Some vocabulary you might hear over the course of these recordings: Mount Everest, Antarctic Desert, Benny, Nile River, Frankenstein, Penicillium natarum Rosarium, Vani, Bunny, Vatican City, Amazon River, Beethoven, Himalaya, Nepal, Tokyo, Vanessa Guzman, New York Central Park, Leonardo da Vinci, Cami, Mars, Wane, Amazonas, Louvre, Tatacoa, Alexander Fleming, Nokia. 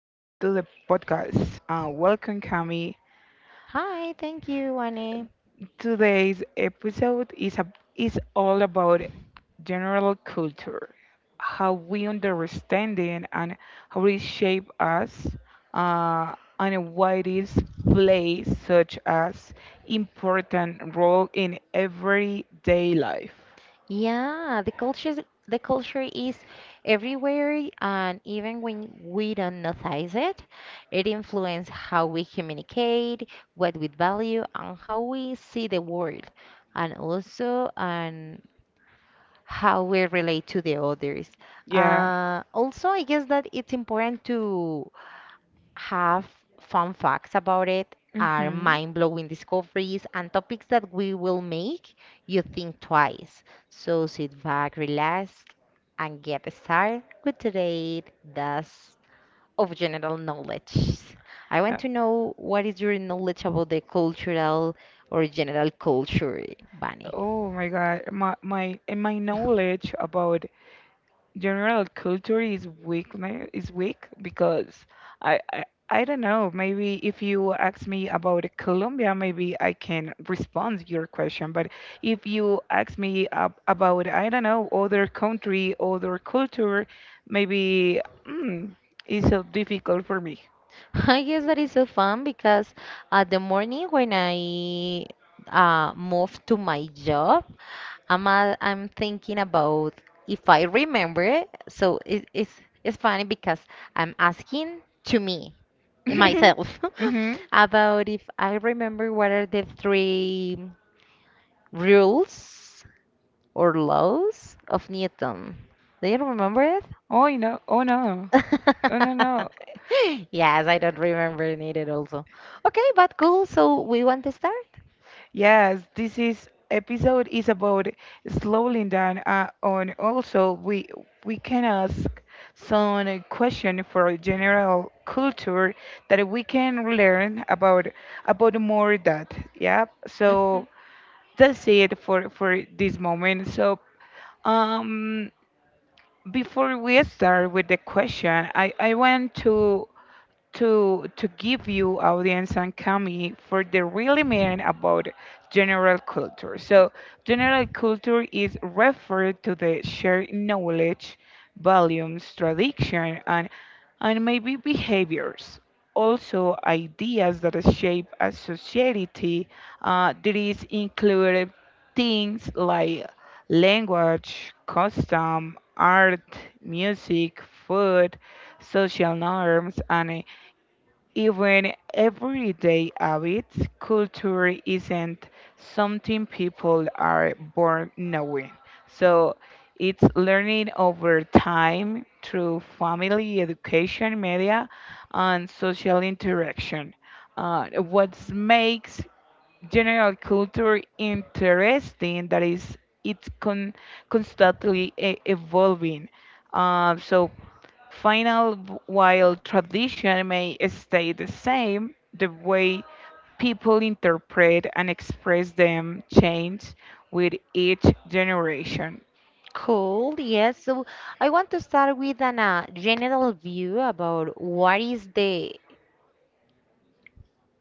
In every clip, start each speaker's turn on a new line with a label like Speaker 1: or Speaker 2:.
Speaker 1: to the podcast. Welcome, Cami.
Speaker 2: Hi, thank you, Wane.
Speaker 1: Today's episode is all about general culture, how we understand it and how it shapes us, uh, and why it is plays such as important role in everyday life.
Speaker 2: Yeah, the culture is everywhere, and even when we don't notice it, it influences how we communicate, what we value, and how we see the world, and how we relate to the others.
Speaker 1: Yeah.
Speaker 2: Also, I guess that it's important to have fun facts about it,
Speaker 1: Hmm.
Speaker 2: are
Speaker 1: uh,
Speaker 2: mind blowing discoveries, and topics that we will make you think twice. So sit back, relax, and get started with today's dose of general knowledge. I want to know what is your knowledge about the cultural or general culture, Bunny?
Speaker 1: Oh my God, my knowledge about general culture is weak because I, I I don't know, maybe if you ask me about Colombia, maybe I can respond your question, but if you ask me about, I don't know, other country, other culture, maybe, mm, it's so difficult for me.
Speaker 2: I guess that is so fun because at the morning when I moved to my job, I'm thinking about if I remember it. So it's funny because I'm asking to me myself
Speaker 1: Hmm.
Speaker 2: about if I remember what are the three rules or laws of Newton. Do you remember it?
Speaker 1: Oh no! Oh no! Oh no! No!
Speaker 2: Yes, I don't remember needed also. Okay, but cool. So we want to start?
Speaker 1: Yes, this is episode is about slowing down, on also we can ask some question for general culture that we can learn about, more that, yeah.
Speaker 2: Mhm.
Speaker 1: So that's it for this moment. So um before we start with the question, I want to give you, audience, and Kami for the really meaning about general culture. So general culture is referred to the shared knowledge, values, tradition, and maybe behaviors. Also, ideas that shape a society. There is included things like language, custom, art, music, food, social norms, and, even everyday habits. Culture isn't something people are born knowing. So it's learning over time through family, education, media, and social interaction. What makes general culture interesting that is it's constantly evolving. So final, while tradition may stay the same, the way people interpret and express them change with each generation.
Speaker 2: Cool, yes. So I want to start with an general view about what is the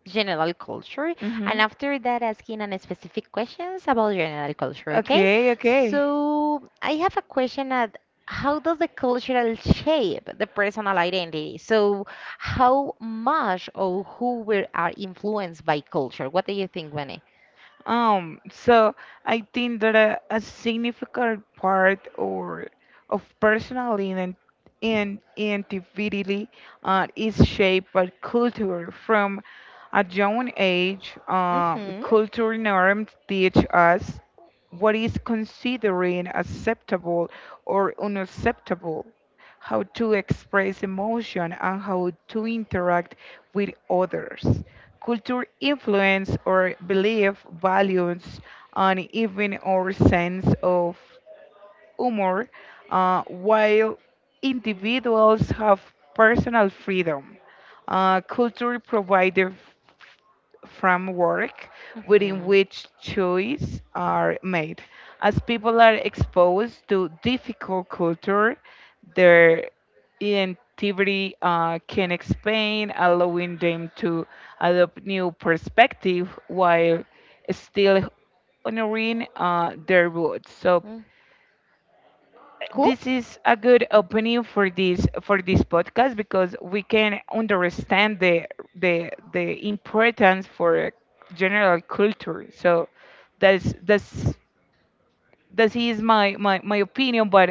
Speaker 2: general culture, and
Speaker 1: Mhm.
Speaker 2: after that, asking a specific questions about general culture, okay?
Speaker 1: Okay, okay.
Speaker 2: So I have a question at how does the cultural shape the personal identity? So how much or who we are influenced by culture? What do you think, Benny?
Speaker 1: Um, so I think that a significant part or of personal ident- and identity, is shaped by culture. From a young age,
Speaker 2: Mm-hmm.
Speaker 1: cultural norms teach us what is considered acceptable or unacceptable, how to express emotion, and how to interact with others. Culture influence our belief, values, and even our sense of humor, while individuals have personal freedom. Culture provides framework within which choices are made. As people are exposed to difficult culture, their identity, can expand, allowing them to adopt new perspective while still honoring, their roots. So this is a good opening for this podcast because we can understand the importance for general culture. So that's that's that is my opinion. But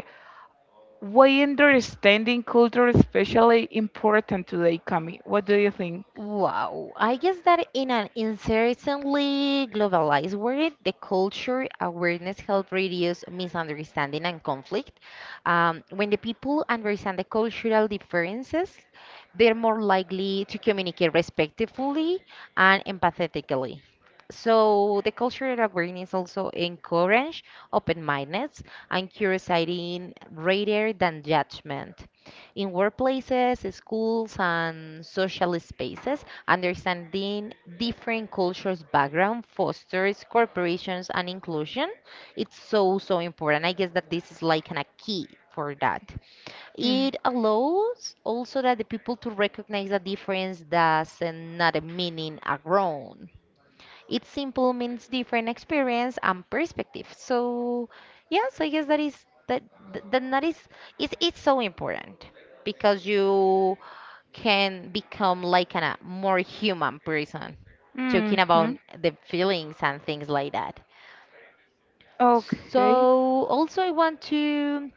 Speaker 1: why understanding culture especially important today, Cami? What do you think?
Speaker 2: Wow. I guess that in an increasingly globalized world, the culture awareness helps reduce misunderstanding and conflict. When the people understand the cultural differences, they're more likely to communicate respectfully and empathetically. So the cultural awareness also encourage open-mindedness and curiosity rather than judgment in workplaces, schools, and social spaces, understanding different cultures' background fosters corporations and inclusion. It's so, so important. I guess that this is like a key for that.
Speaker 1: Mm.
Speaker 2: It allows also that the people to recognize the difference doesn't not meaning a wrong. It's simple means different experience and perspective. So yeah, so I guess that is that then that is it's so important because you can become like a more human person, talking about
Speaker 1: Hmm.
Speaker 2: the feelings and things like that.
Speaker 1: Okay.
Speaker 2: So also I want to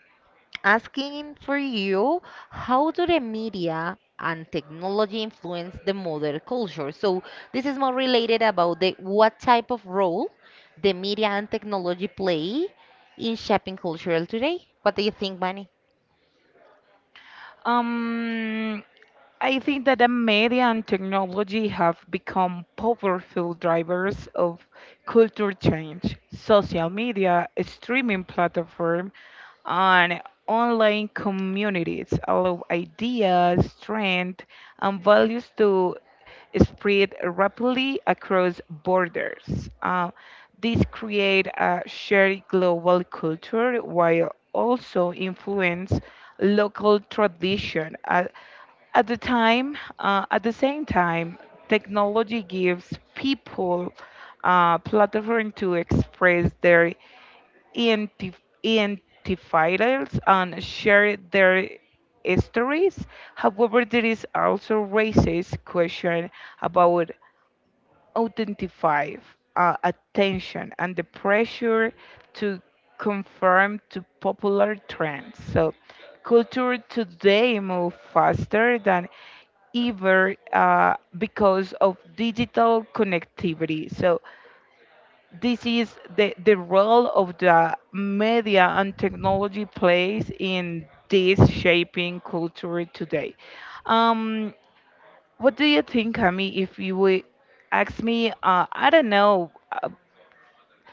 Speaker 2: asking for you how do the media and technology influence the modern culture? So this is more related about the what type of role the media and technology play in shaping culture today. What do you think, Bunny?
Speaker 1: Um. I think that the media and technology have become powerful drivers of culture change. Social media, streaming platform, and online communities allow ideas, trends, and values to spread rapidly across borders. These create a shared global culture while also influence local tradition. At the same time, technology gives people a platform to express their identifiers and share their stories. However, there is also racist question about identify, attention and the pressure to conform to popular trends. So culture today move faster than ever, because of digital connectivity. So this is the role of the media and technology plays in this shaping culture today. Um, what do you think, Kami, if you would ask me, I don't know, uh,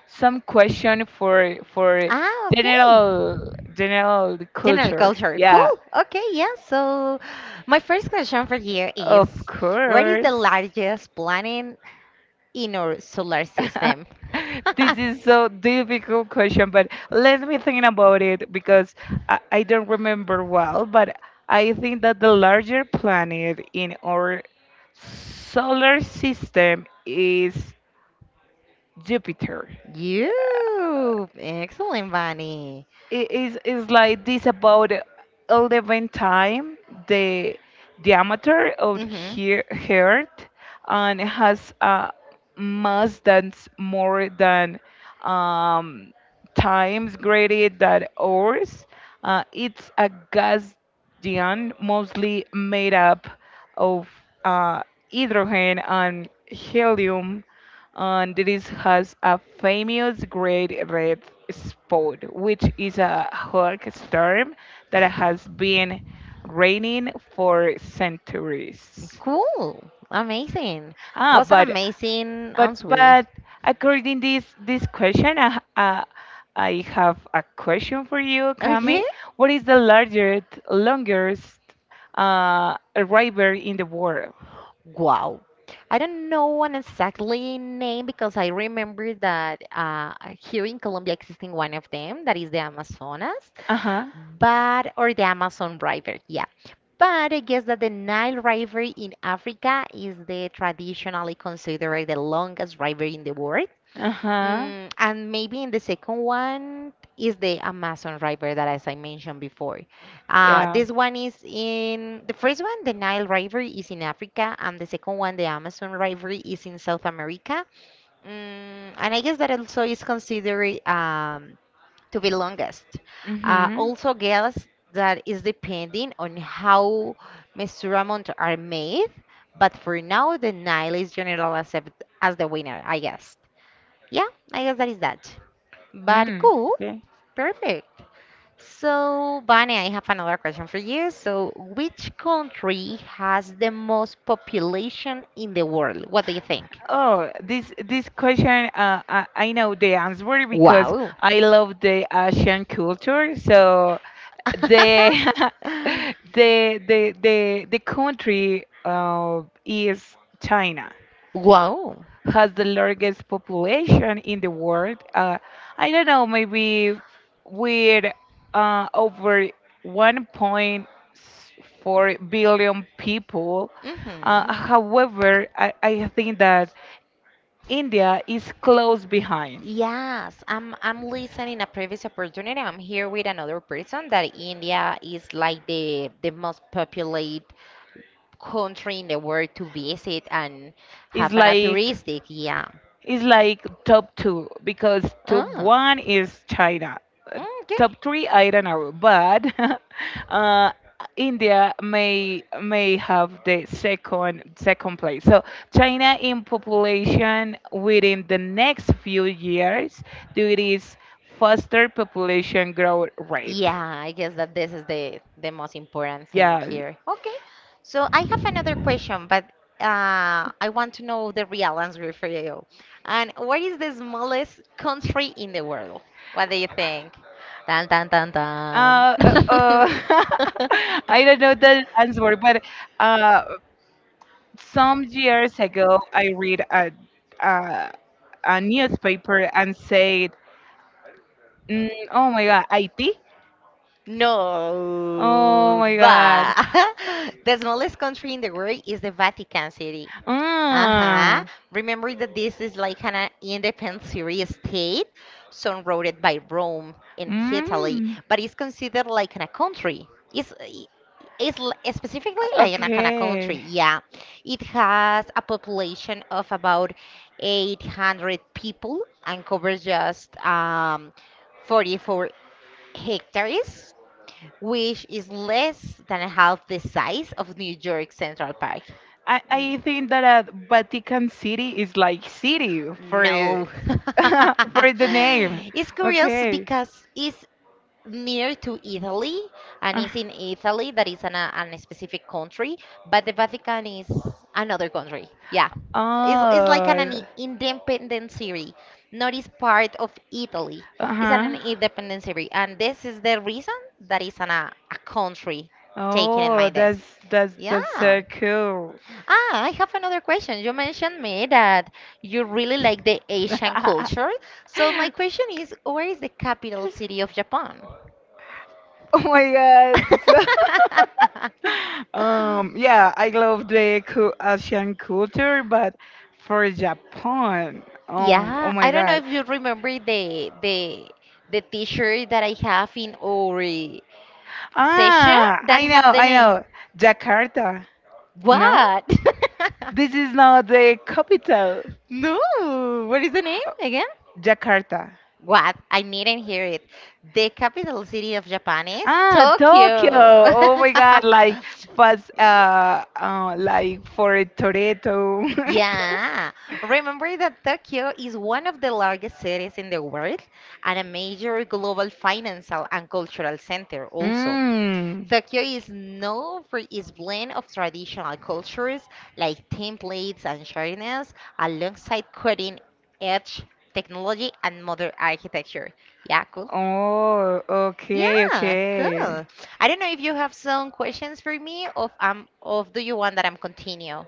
Speaker 1: some question for
Speaker 2: Ah, okay.
Speaker 1: general
Speaker 2: General
Speaker 1: culture?
Speaker 2: culture.
Speaker 1: Yeah,
Speaker 2: Cool. Okay, yeah. So my first question for you is
Speaker 1: of
Speaker 2: what is the
Speaker 1: course.
Speaker 2: largest planet in our solar system?
Speaker 1: This is so difficult question, but let me think about it because I, I don't remember well, but I think that the larger planet in our solar system is Jupiter. Yeah,
Speaker 2: You excellent, Vani.
Speaker 1: it is like this about 11 time the diameter of
Speaker 2: Mm-hmm.
Speaker 1: here Earth and has a mass that's more than, um, times greater than ours. It's a Gaussian, mostly made up of, uh, hydrogen and helium, and this has a famous great red spot, which is a hot star that has been raining for centuries.
Speaker 2: Cool. Amazing.
Speaker 1: Ah,
Speaker 2: What's an
Speaker 1: but
Speaker 2: amazing
Speaker 1: but
Speaker 2: answer.
Speaker 1: but according this question, I have a question for you,
Speaker 2: Okay.
Speaker 1: Kami. What is the largest longest river in the world?
Speaker 2: Wow. I don't know an exactly name because I remember that here in Colombia existing one of them that is the Amazonas,
Speaker 1: Uh-huh.
Speaker 2: but or the Amazon River, yeah. But I guess that the Nile River in Africa is the traditionally considered the longest river in the world.
Speaker 1: Uh-huh.
Speaker 2: And maybe in the second one is the Amazon River that, as I mentioned before,
Speaker 1: Yeah.
Speaker 2: this one is in the first one, the Nile River is in Africa, and the second one, the Amazon River, is in South America. And I guess that also is considered to be longest.
Speaker 1: Mm-hmm.
Speaker 2: Also, guess that is depending on how measurements are made, but for now, the Nile is generally accepted as the winner, I guess. Yeah, I guess that is that. But
Speaker 1: Mm,
Speaker 2: cool,
Speaker 1: okay.
Speaker 2: perfect. So, Vane, I have another question for you. So, which country has the most population in the world? What do you think?
Speaker 1: Oh, this question, I know the answer because
Speaker 2: Wow.
Speaker 1: I love the Asian culture. So the the country, is China,
Speaker 2: Wow.
Speaker 1: has the largest population in the world. I don't know, maybe with, over 1.4 billion people.
Speaker 2: Hmm.
Speaker 1: However, I think that India is close behind.
Speaker 2: Yes, I'm listening a previous opportunity. I'm here with another person that India is like the most populated country in the world to visit and
Speaker 1: It's
Speaker 2: have an
Speaker 1: like
Speaker 2: touristic. Yeah.
Speaker 1: it's like top two because top
Speaker 2: Oh.
Speaker 1: one is China. Uh,
Speaker 2: Okay.
Speaker 1: Top three, I don't know, but uh, India may have the second place. So China in population within the next few years due to its faster population growth rate.
Speaker 2: Yeah, I guess that this is the most important thing
Speaker 1: Yeah.
Speaker 2: here. Okay, so I have another question, but I want to know the real answer for you. And what is the smallest country in the world? What do you think? Dun dun dun dun.
Speaker 1: Uh, uh, uh, I don't know the answer, but, uh, some years ago, I read a, a newspaper and said, "Oh my God, IT! Oh
Speaker 2: No,
Speaker 1: my God,
Speaker 2: but the smallest country in the world is the Vatican City. Uh-huh.
Speaker 1: mm,
Speaker 2: Remember that this is like an independent Syrian state surrounded by Rome and Italy,
Speaker 1: mm.
Speaker 2: but it's considered like an a country. It's I- it's l- specifically like an a country.
Speaker 1: Okay.
Speaker 2: Yeah. It has a population of about 800 people and covers just 44 hectares, which is less than half the size of New York Central Park.
Speaker 1: I
Speaker 2: Mm.
Speaker 1: think that, Vatican City is like city for
Speaker 2: No.
Speaker 1: it, for the name.
Speaker 2: It's curious
Speaker 1: Okay.
Speaker 2: because it's near to Italy, and
Speaker 1: Uh,
Speaker 2: it's in Italy that is an specific country, but the Vatican is another country. Yeah, it's like an
Speaker 1: Oh,
Speaker 2: independent city, not is part of Italy. It's an
Speaker 1: uh-huh.
Speaker 2: independent city, and this is the reason that it's a country taken in
Speaker 1: Oh,
Speaker 2: mind this.
Speaker 1: that's
Speaker 2: Yeah.
Speaker 1: so cool.
Speaker 2: Ah, I have another question. You mentioned me that you really like the Asian culture. So my question is, where is the capital city of Japan?
Speaker 1: Oh my God. Yeah, I love the Asian
Speaker 2: um,
Speaker 1: culture, but for Japan, oh
Speaker 2: Yeah,
Speaker 1: my
Speaker 2: I don't know, yeah,
Speaker 1: God.
Speaker 2: if you remember the t-shirt that I have in our session
Speaker 1: Ah,
Speaker 2: that
Speaker 1: I know,
Speaker 2: have the
Speaker 1: I
Speaker 2: name.
Speaker 1: know. Jakarta,
Speaker 2: Yeah,
Speaker 1: no?
Speaker 2: what? the
Speaker 1: This is not the capital.
Speaker 2: No, what is the name
Speaker 1: Uh,
Speaker 2: again?
Speaker 1: Jakarta.
Speaker 2: What? I didn't hear it. The capital city of Japan is
Speaker 1: Ah, Tokyo. Oh my
Speaker 2: Tokyo.
Speaker 1: God, like fast
Speaker 2: Yeah.
Speaker 1: like for a Toretto.
Speaker 2: Yeah, remember that Tokyo is one of the largest cities in the world and a major global financial and cultural center also.
Speaker 1: Mm.
Speaker 2: Tokyo is known for its blend of traditional cultures like templates and shirtness alongside cutting edge technology and modern architecture. Yeah, cool.
Speaker 1: Oh, okay,
Speaker 2: Yeah,
Speaker 1: okay.
Speaker 2: cool. I don't know if you have some questions for me or or do you want that I'm continue?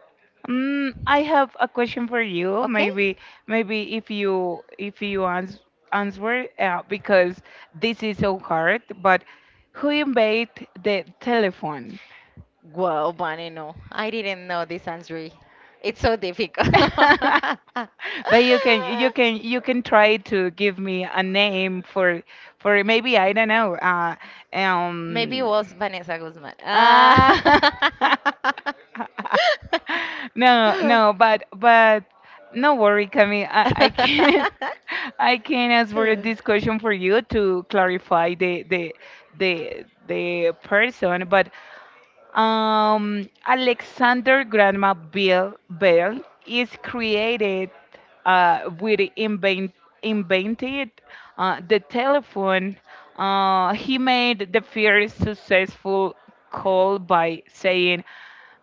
Speaker 1: Mm, I have a question for you.
Speaker 2: Okay?
Speaker 1: Maybe if you answer, because this is so hard. But who invented the telephone?
Speaker 2: Wow, Bunny, no. I didn't know this answer. It's so difficult.
Speaker 1: But you can you can try to give me a name for, maybe, I don't know.
Speaker 2: Maybe it
Speaker 1: Um.
Speaker 2: was Vanessa Guzman.
Speaker 1: Uh,
Speaker 2: Ah.
Speaker 1: no, no, but no worry, Camille. I can I can answer this question for you to clarify the person. But, Alexander Grandma Bell is created, with invented, the telephone. He made the first successful call by saying,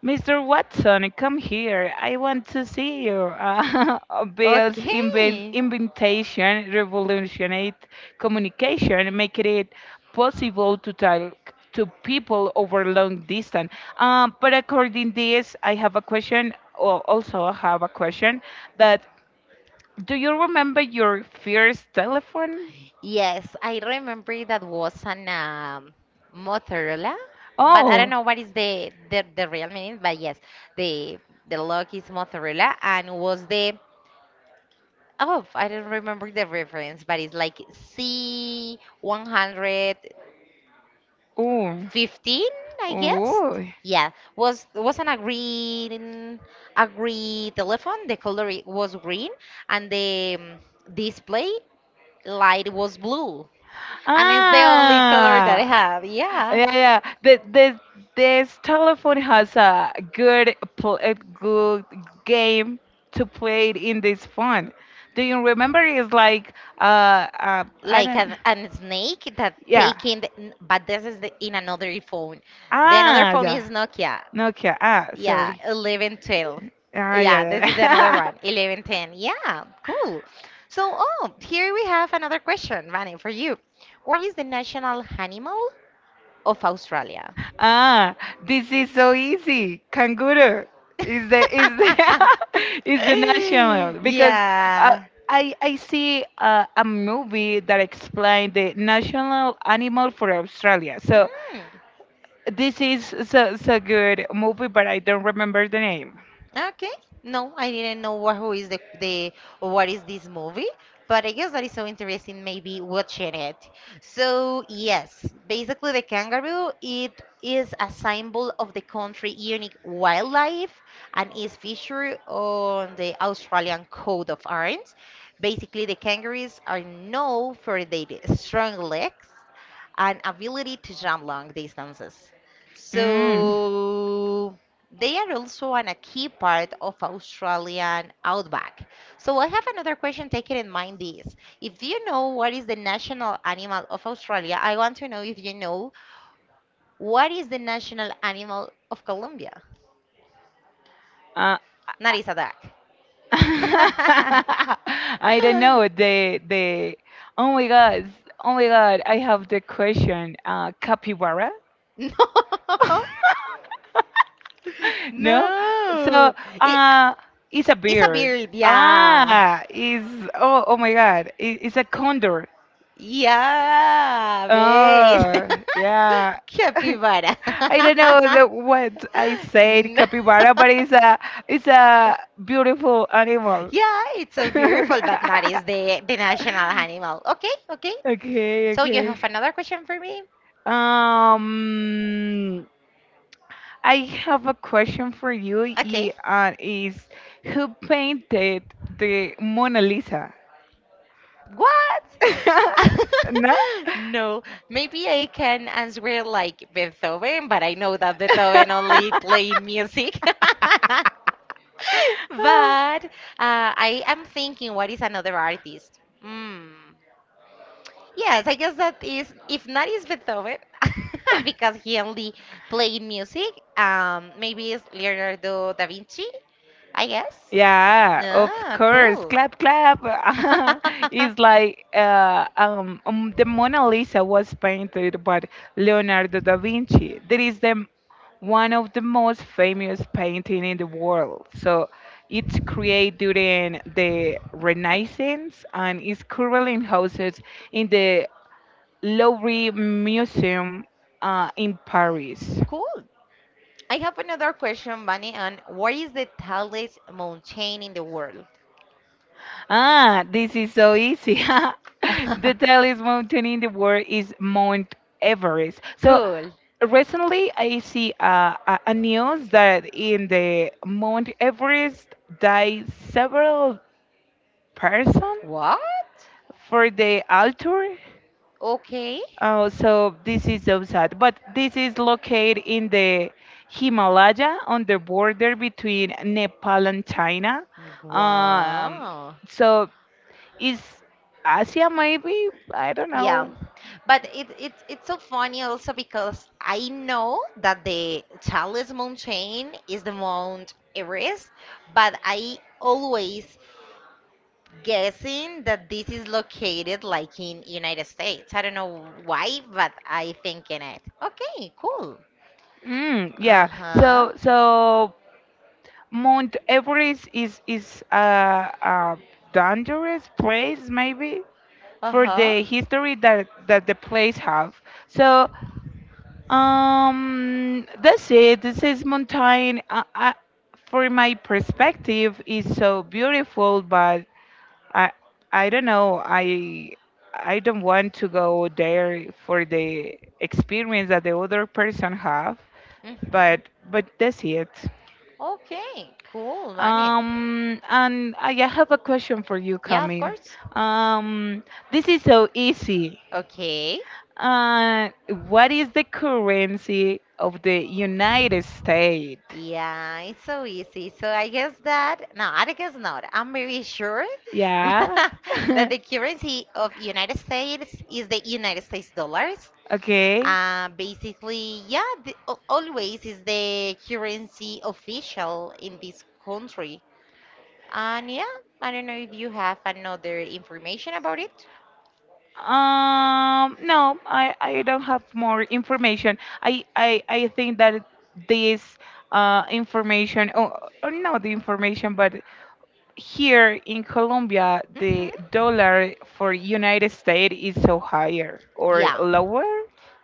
Speaker 1: Mr. Watson, come here. I want to see you. Bill's
Speaker 2: Okay.
Speaker 1: inventation revolutionized communication, making it possible to talk to people over long distance. But according this, I have a question. Or also, I have a question. That, do you remember your first telephone?
Speaker 2: Yes, I remember that was an mozzarella, but I don't
Speaker 1: Oh,
Speaker 2: know what is the real meaning. But yes, the the log is mozzarella, and was the oh, I don't remember the reference, but it's like C one hundred
Speaker 1: oh,
Speaker 2: fifteen, I guess.
Speaker 1: oh!
Speaker 2: Yeah, was an a green telephone. The color it was green, and the display light was blue. And it's the only color that I
Speaker 1: Ah,
Speaker 2: have. Yeah.
Speaker 1: yeah, yeah. The this telephone has a good game to play it in this phone. Do you remember? It's like I
Speaker 2: Like
Speaker 1: don't.
Speaker 2: an snake that
Speaker 1: Yeah.
Speaker 2: taking, the, n- but this is the, in another phone. The another
Speaker 1: Ah,
Speaker 2: phone
Speaker 1: yeah.
Speaker 2: is Nokia.
Speaker 1: Nokia. Ah,
Speaker 2: Yeah,
Speaker 1: sorry.
Speaker 2: 1112.
Speaker 1: Ah,
Speaker 2: Yeah,
Speaker 1: yeah,
Speaker 2: this is the another
Speaker 1: yeah.
Speaker 2: one, 1110. Yeah, cool. So, oh, here we have another question, Vani, for you. What is the national animal of Australia?
Speaker 1: Ah, this is so easy. Kangaroo is the is the national because, uh,
Speaker 2: Yeah.
Speaker 1: I see, a movie that explained the national animal for Australia. So
Speaker 2: Mm.
Speaker 1: this is so so good movie, but I don't remember the name.
Speaker 2: Okay. No, I didn't know what who is the what is this movie, but I guess that is so interesting. Maybe watching it. So yes, basically the kangaroo it is a symbol of the country unique wildlife and is featured on the Australian coat of arms. Basically, the kangaroos are known for their strong legs and ability to jump long distances.
Speaker 1: Mm.
Speaker 2: So they are also a key part of Australian outback. So I have another question taking in mind this. If you know what is the national animal of Australia, I want to know if you know what is the national animal of Colombia.
Speaker 1: Uh,
Speaker 2: Not is a duck.
Speaker 1: I don't know the the. Oh my god! Oh my god! I have the question. Capybara.
Speaker 2: No,
Speaker 1: No? So,
Speaker 2: no. It,
Speaker 1: uh, it's a
Speaker 2: it's a
Speaker 1: bird.
Speaker 2: bird, yeah.
Speaker 1: Ah, oh, oh my God. It's a condor.
Speaker 2: Yeah, ¿ves?
Speaker 1: Oh, yeah.
Speaker 2: Capybara.
Speaker 1: I don't know what I said,
Speaker 2: No.
Speaker 1: capybara, but it's a beautiful animal.
Speaker 2: Yeah, it's so beautiful, but not is the national animal. Okay, okay.
Speaker 1: Okay,
Speaker 2: So you
Speaker 1: okay.
Speaker 2: have another question for me?
Speaker 1: Um, I have a question for you,
Speaker 2: Okay.
Speaker 1: y- and is who painted the Mona Lisa?
Speaker 2: What?
Speaker 1: No?
Speaker 2: No, maybe I can answer it like Beethoven, but I know that Beethoven only played music. But I am thinking, what is another artist? Mm. Yes, I guess that is, if not is Beethoven, because he only played music. Maybe it's Leonardo da Vinci, I guess.
Speaker 1: Yeah, of
Speaker 2: Ah,
Speaker 1: course.
Speaker 2: cool.
Speaker 1: Clap, clap. It's like the Mona Lisa was painted by Leonardo da Vinci. That is the one of the most famous painting in the world. So it's created during the Renaissance and is currently in the Louvre Museum, in Paris.
Speaker 2: Cool. I have another question, Bunny, on what is the tallest mountain in the world?
Speaker 1: Ah, this is so easy. The tallest mountain in the world is Mount Everest. So
Speaker 2: Cool.
Speaker 1: recently, I see, a news that in the Mount Everest died several person
Speaker 2: What?
Speaker 1: for the altar.
Speaker 2: Okay.
Speaker 1: Oh, so this is so sad. But this is located in the Himalaya on the border between Nepal and China. Um,
Speaker 2: Wow.
Speaker 1: so is Asia maybe? I don't
Speaker 2: Yeah,
Speaker 1: know.
Speaker 2: but it's so funny also because I know that the tallest mountain is the Mount Everest, but I always guessing that this is located like in United States. I don't know why, but I think in it. Okay, cool.
Speaker 1: Mm, yeah.
Speaker 2: Uh-huh.
Speaker 1: So Mount Everest is a dangerous place maybe for
Speaker 2: Uh-huh.
Speaker 1: the history that the place have. So, that's it. This is mountain. For my perspective, is so beautiful, but I, I don't know. I don't want to go there for the experience that the other person have.
Speaker 2: Hmm.
Speaker 1: But, but that's it.
Speaker 2: Okay, cool, Vane.
Speaker 1: And I have a question for you,
Speaker 2: Yeah, of
Speaker 1: Cami.
Speaker 2: course.
Speaker 1: Um, this is so easy.
Speaker 2: Okay.
Speaker 1: Uh, what is the currency of the United States?
Speaker 2: Yeah, it's so easy. So I guess that, no, I guess not. I'm very sure
Speaker 1: Yeah.
Speaker 2: that the currency of United States is the United States dollars.
Speaker 1: Okay.
Speaker 2: Basically, yeah, the, always is the currency official in this country. And yeah, I don't know if you have another information about it.
Speaker 1: No, I don't have more information. I think that this, information, or not the information, but here in Colombia, the
Speaker 2: Hmm.
Speaker 1: dollar for United States is so higher or
Speaker 2: Yeah.
Speaker 1: lower.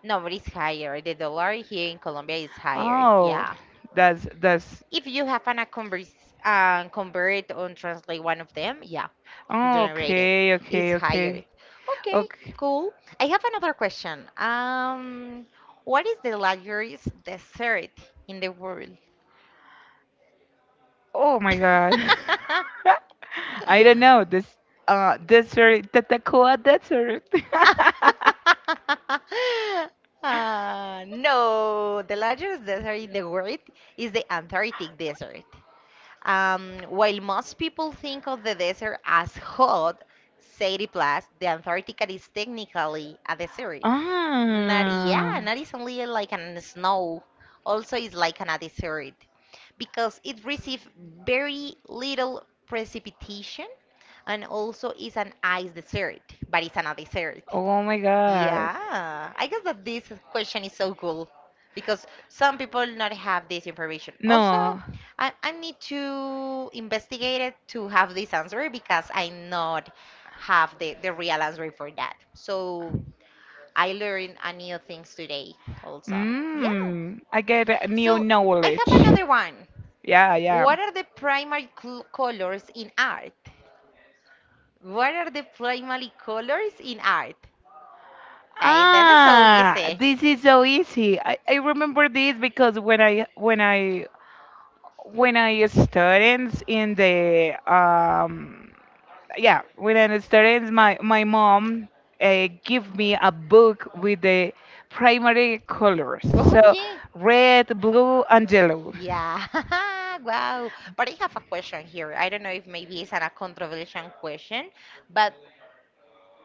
Speaker 2: No, but it's higher. The dollar here in Colombia is higher.
Speaker 1: Oh,
Speaker 2: Yeah.
Speaker 1: that's
Speaker 2: If you have an a converse, convert or translate one of them, yeah, generated
Speaker 1: okay,
Speaker 2: is
Speaker 1: okay,
Speaker 2: higher.
Speaker 1: okay.
Speaker 2: Okay,
Speaker 1: Okay.
Speaker 2: cool. I have another question. What is the largest dessert in the world?
Speaker 1: Oh my God. I don't know this desert, Tatacoa Desert.
Speaker 2: No, the largest desert in the world is the Antarctic Desert. While most people think of the desert as hot, 30 plus, the Antarctica is technically a desert. Not,
Speaker 1: Ah.
Speaker 2: yeah, not is only like an snow, also it's like an desert because it receives very little precipitation and also it's an ice dessert, but it's not a dessert.
Speaker 1: Oh my God.
Speaker 2: Yeah, I guess that this question is so cool because some people not have this information. Also,
Speaker 1: No.
Speaker 2: I need to investigate it to have this answer because I not have the real answer for that. So I learned a new things today also. Yeah.
Speaker 1: Mm, I get a new
Speaker 2: So I
Speaker 1: knowledge.
Speaker 2: have another one.
Speaker 1: Yeah, yeah.
Speaker 2: What are the primary cl colors in art? What are the primary colors in art? Like, this is so
Speaker 1: Ah,
Speaker 2: easy.
Speaker 1: this is so easy. I remember this because when I studied in the yeah, when I studied, my mom, give me a book with the primary colors, so
Speaker 2: Okay.
Speaker 1: red, blue, and yellow.
Speaker 2: Yeah. Wow. But I have a question here. I don't know if maybe it's a controversial question, but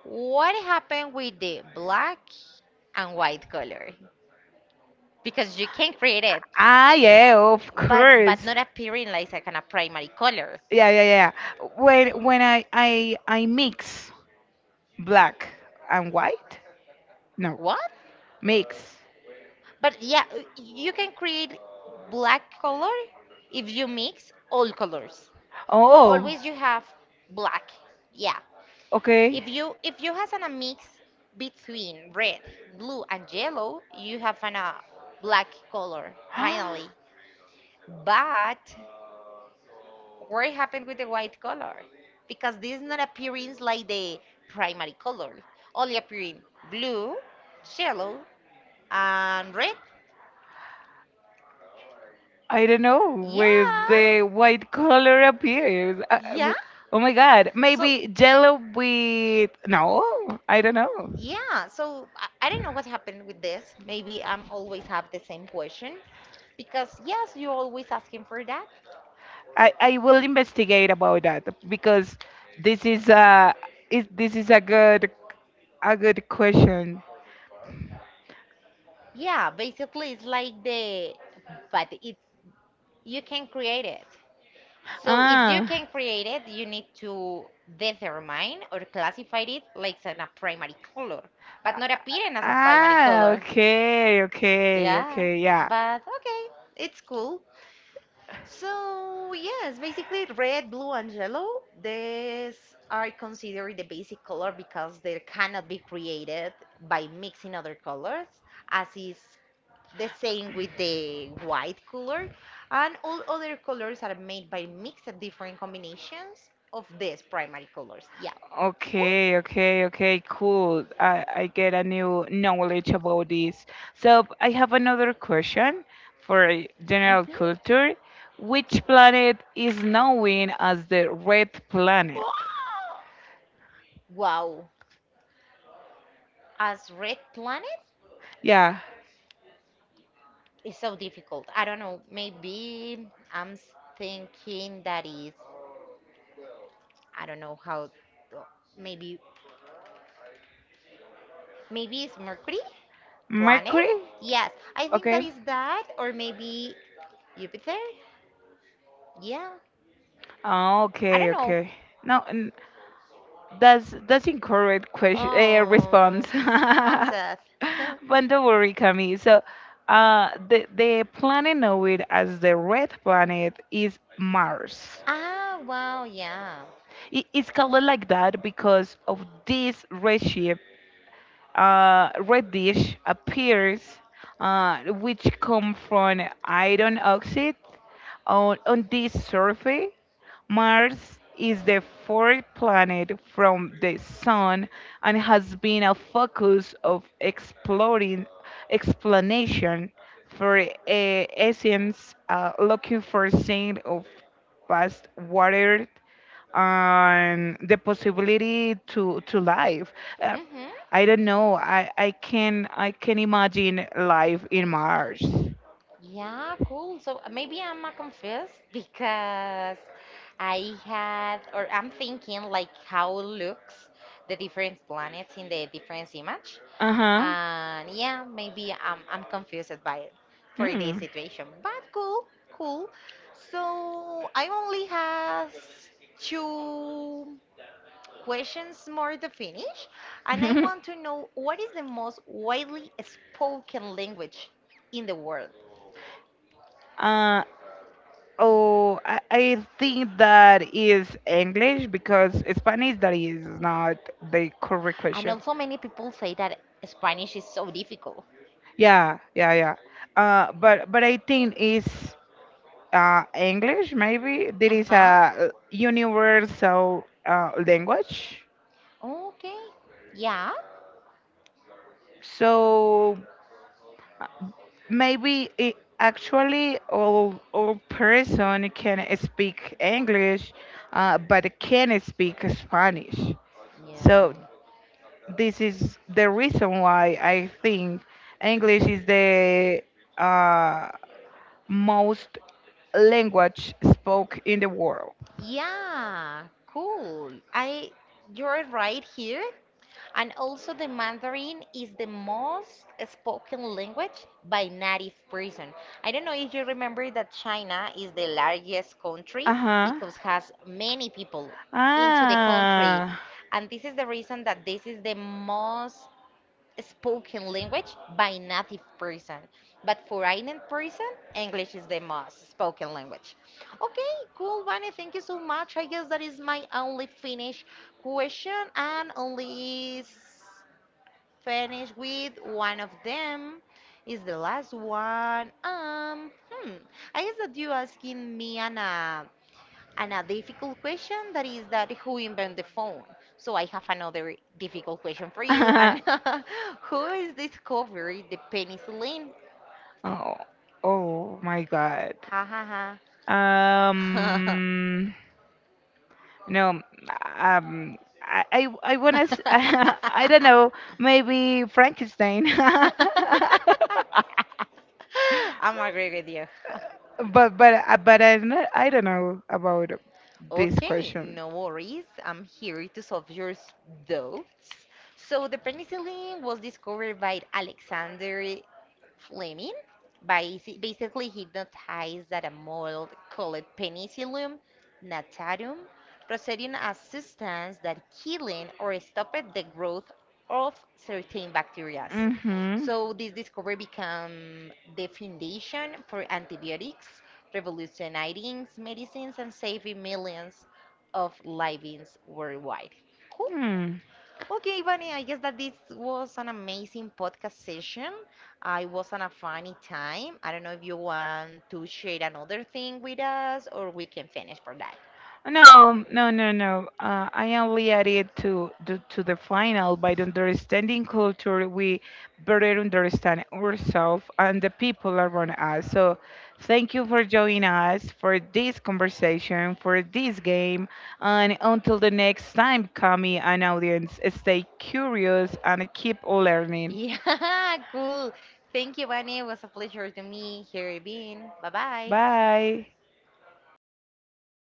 Speaker 2: what happened with the black and white color? Because you can create it,
Speaker 1: Ah, yeah, of
Speaker 2: but
Speaker 1: course.
Speaker 2: not appearing like a kind of primary color.
Speaker 1: Yeah, yeah, yeah. When I mix black and white, no,
Speaker 2: What?
Speaker 1: mix.
Speaker 2: But yeah, you can create black color if you mix all colors.
Speaker 1: Oh,
Speaker 2: Always you have black. Yeah.
Speaker 1: okay.
Speaker 2: If you has an, a mix between red, blue and yellow, you have an, a black color finally. But what happened with the white color? Because this is not appearing like the primary color. Only appearing blue, yellow and red.
Speaker 1: I don't know
Speaker 2: Yeah.
Speaker 1: with the white color appears.
Speaker 2: Yeah.
Speaker 1: Oh my god,
Speaker 2: So,
Speaker 1: maybe yellow with, no, I don't know.
Speaker 2: maybe. Yeah, so I don't know what happened with this. Maybe I'm always have the same question because yes, you're always asking for that.
Speaker 1: I will investigate about that because this is a this is a good question.
Speaker 2: Yeah, basically it's like the, but it you can create it. So if you
Speaker 1: Ah.
Speaker 2: can create it, you need to determine or classify it like a primary color, but not appearing as a primary
Speaker 1: Ah,
Speaker 2: color.
Speaker 1: okay, okay,
Speaker 2: Yeah,
Speaker 1: okay, yeah.
Speaker 2: but okay, it's cool. So, yes, basically red, blue, and yellow, these are considered the basic color because they cannot be created by mixing other colors, as is the same with the white color, and all other colors are made by mixed different combinations of these primary colors. Yeah. Cool.
Speaker 1: Okay, okay, okay, cool. I get a new knowledge about this. So I have another question for general
Speaker 2: Mhm.
Speaker 1: culture. Which planet is known as the red planet?
Speaker 2: Wow, as red planet
Speaker 1: Yeah,
Speaker 2: is so difficult. I don't know. Maybe thinking that is I don't know how. Maybe maybe it's Mercury. Planet?
Speaker 1: Mercury?
Speaker 2: Yes, I think that
Speaker 1: Okay.
Speaker 2: is that, or maybe Jupiter? Yeah,
Speaker 1: Oh,
Speaker 2: I don't
Speaker 1: okay,
Speaker 2: know.
Speaker 1: okay. No, That's incorrect question,
Speaker 2: Oh,
Speaker 1: response.
Speaker 2: I'm sad.
Speaker 1: But don't worry, Camille. So, the planet known as the red planet is Mars.
Speaker 2: Ah, wow, yeah.
Speaker 1: It's called like that because of this red shape. Red dish appears, which come from iron oxide on this surface. Mars is the fourth planet from the Sun and has been a focus of exploring explanation for, essence, looking for signs of past water and the possibility to life. Uh,
Speaker 2: Hmm.
Speaker 1: I don't know. I can imagine life in Mars.
Speaker 2: Yeah, cool. So maybe I'm confused because I had, or I'm thinking like how looks the different planets in the different image.
Speaker 1: Uh huh.
Speaker 2: And yeah, maybe I'm confused by it for this
Speaker 1: Hmm.
Speaker 2: situation. But cool, cool. So I only have two questions more to finish. And I want to know, what is the most widely spoken language in the world?
Speaker 1: Uh, oh, I think that is English because Spanish that is not the correct
Speaker 2: And
Speaker 1: question.
Speaker 2: also, many people say that Spanish is so difficult.
Speaker 1: Yeah, yeah, yeah. But I think it's, English maybe. There
Speaker 2: Uh
Speaker 1: is
Speaker 2: huh.
Speaker 1: a universal, language.
Speaker 2: Okay. Yeah.
Speaker 1: So maybe actually all person can speak English, but can speak Spanish. So this is the reason why I think English is the, uh, most language spoke in the world.
Speaker 2: Yeah. Cool. I. You're right here. And also, the Mandarin is the most spoken language by native person. I don't know if you remember that China is the largest country
Speaker 1: Ajá.
Speaker 2: because has many people into the country,
Speaker 1: Ah.
Speaker 2: and this is the reason that this is the most spoken language by native person. But for foreign person, English is the most spoken language. Okay, cool, Vani. Thank you so much. I guess that is my only Finnish question and only finish with one of them is the last one. Hmm. I guess that you asking me an and a difficult question that is that who invented the phone? So I have another difficult question for you.
Speaker 1: Ajá.
Speaker 2: And who is discovering the penicillin?
Speaker 1: Oh, oh my God.
Speaker 2: Ha ha ha.
Speaker 1: Um, no, um, I wanna, I don't know, maybe Frankenstein.
Speaker 2: I'm agree with you.
Speaker 1: But I don't know about this
Speaker 2: Okay,
Speaker 1: question.
Speaker 2: no worries. I'm here to solve your doubts. So the penicillin was discovered by Alexander Fleming. Basically, he noticed that a model called Penicillium natarum Rosarium as substance that killing or stopped the growth of certain bacteria.
Speaker 1: Mm-hmm.
Speaker 2: So this discovery became the foundation for antibiotics, revolutionizing medicines and saving millions of lives worldwide. Cool.
Speaker 1: Hmm.
Speaker 2: Okay, Bunny, I guess that this was an amazing podcast session. I was on a funny time. I don't know if you want to share another thing with us or we can finish for that.
Speaker 1: No, no, no, no. I only added to, the final, by the understanding culture, we better understand ourselves and the people around us. So, thank you for joining us for this conversation, for this game, and until the next time, Kami and audience, stay curious and keep learning.
Speaker 2: Yeah, cool. Thank you, Bunny. It was a pleasure to me here being. Bye bye.
Speaker 1: Bye.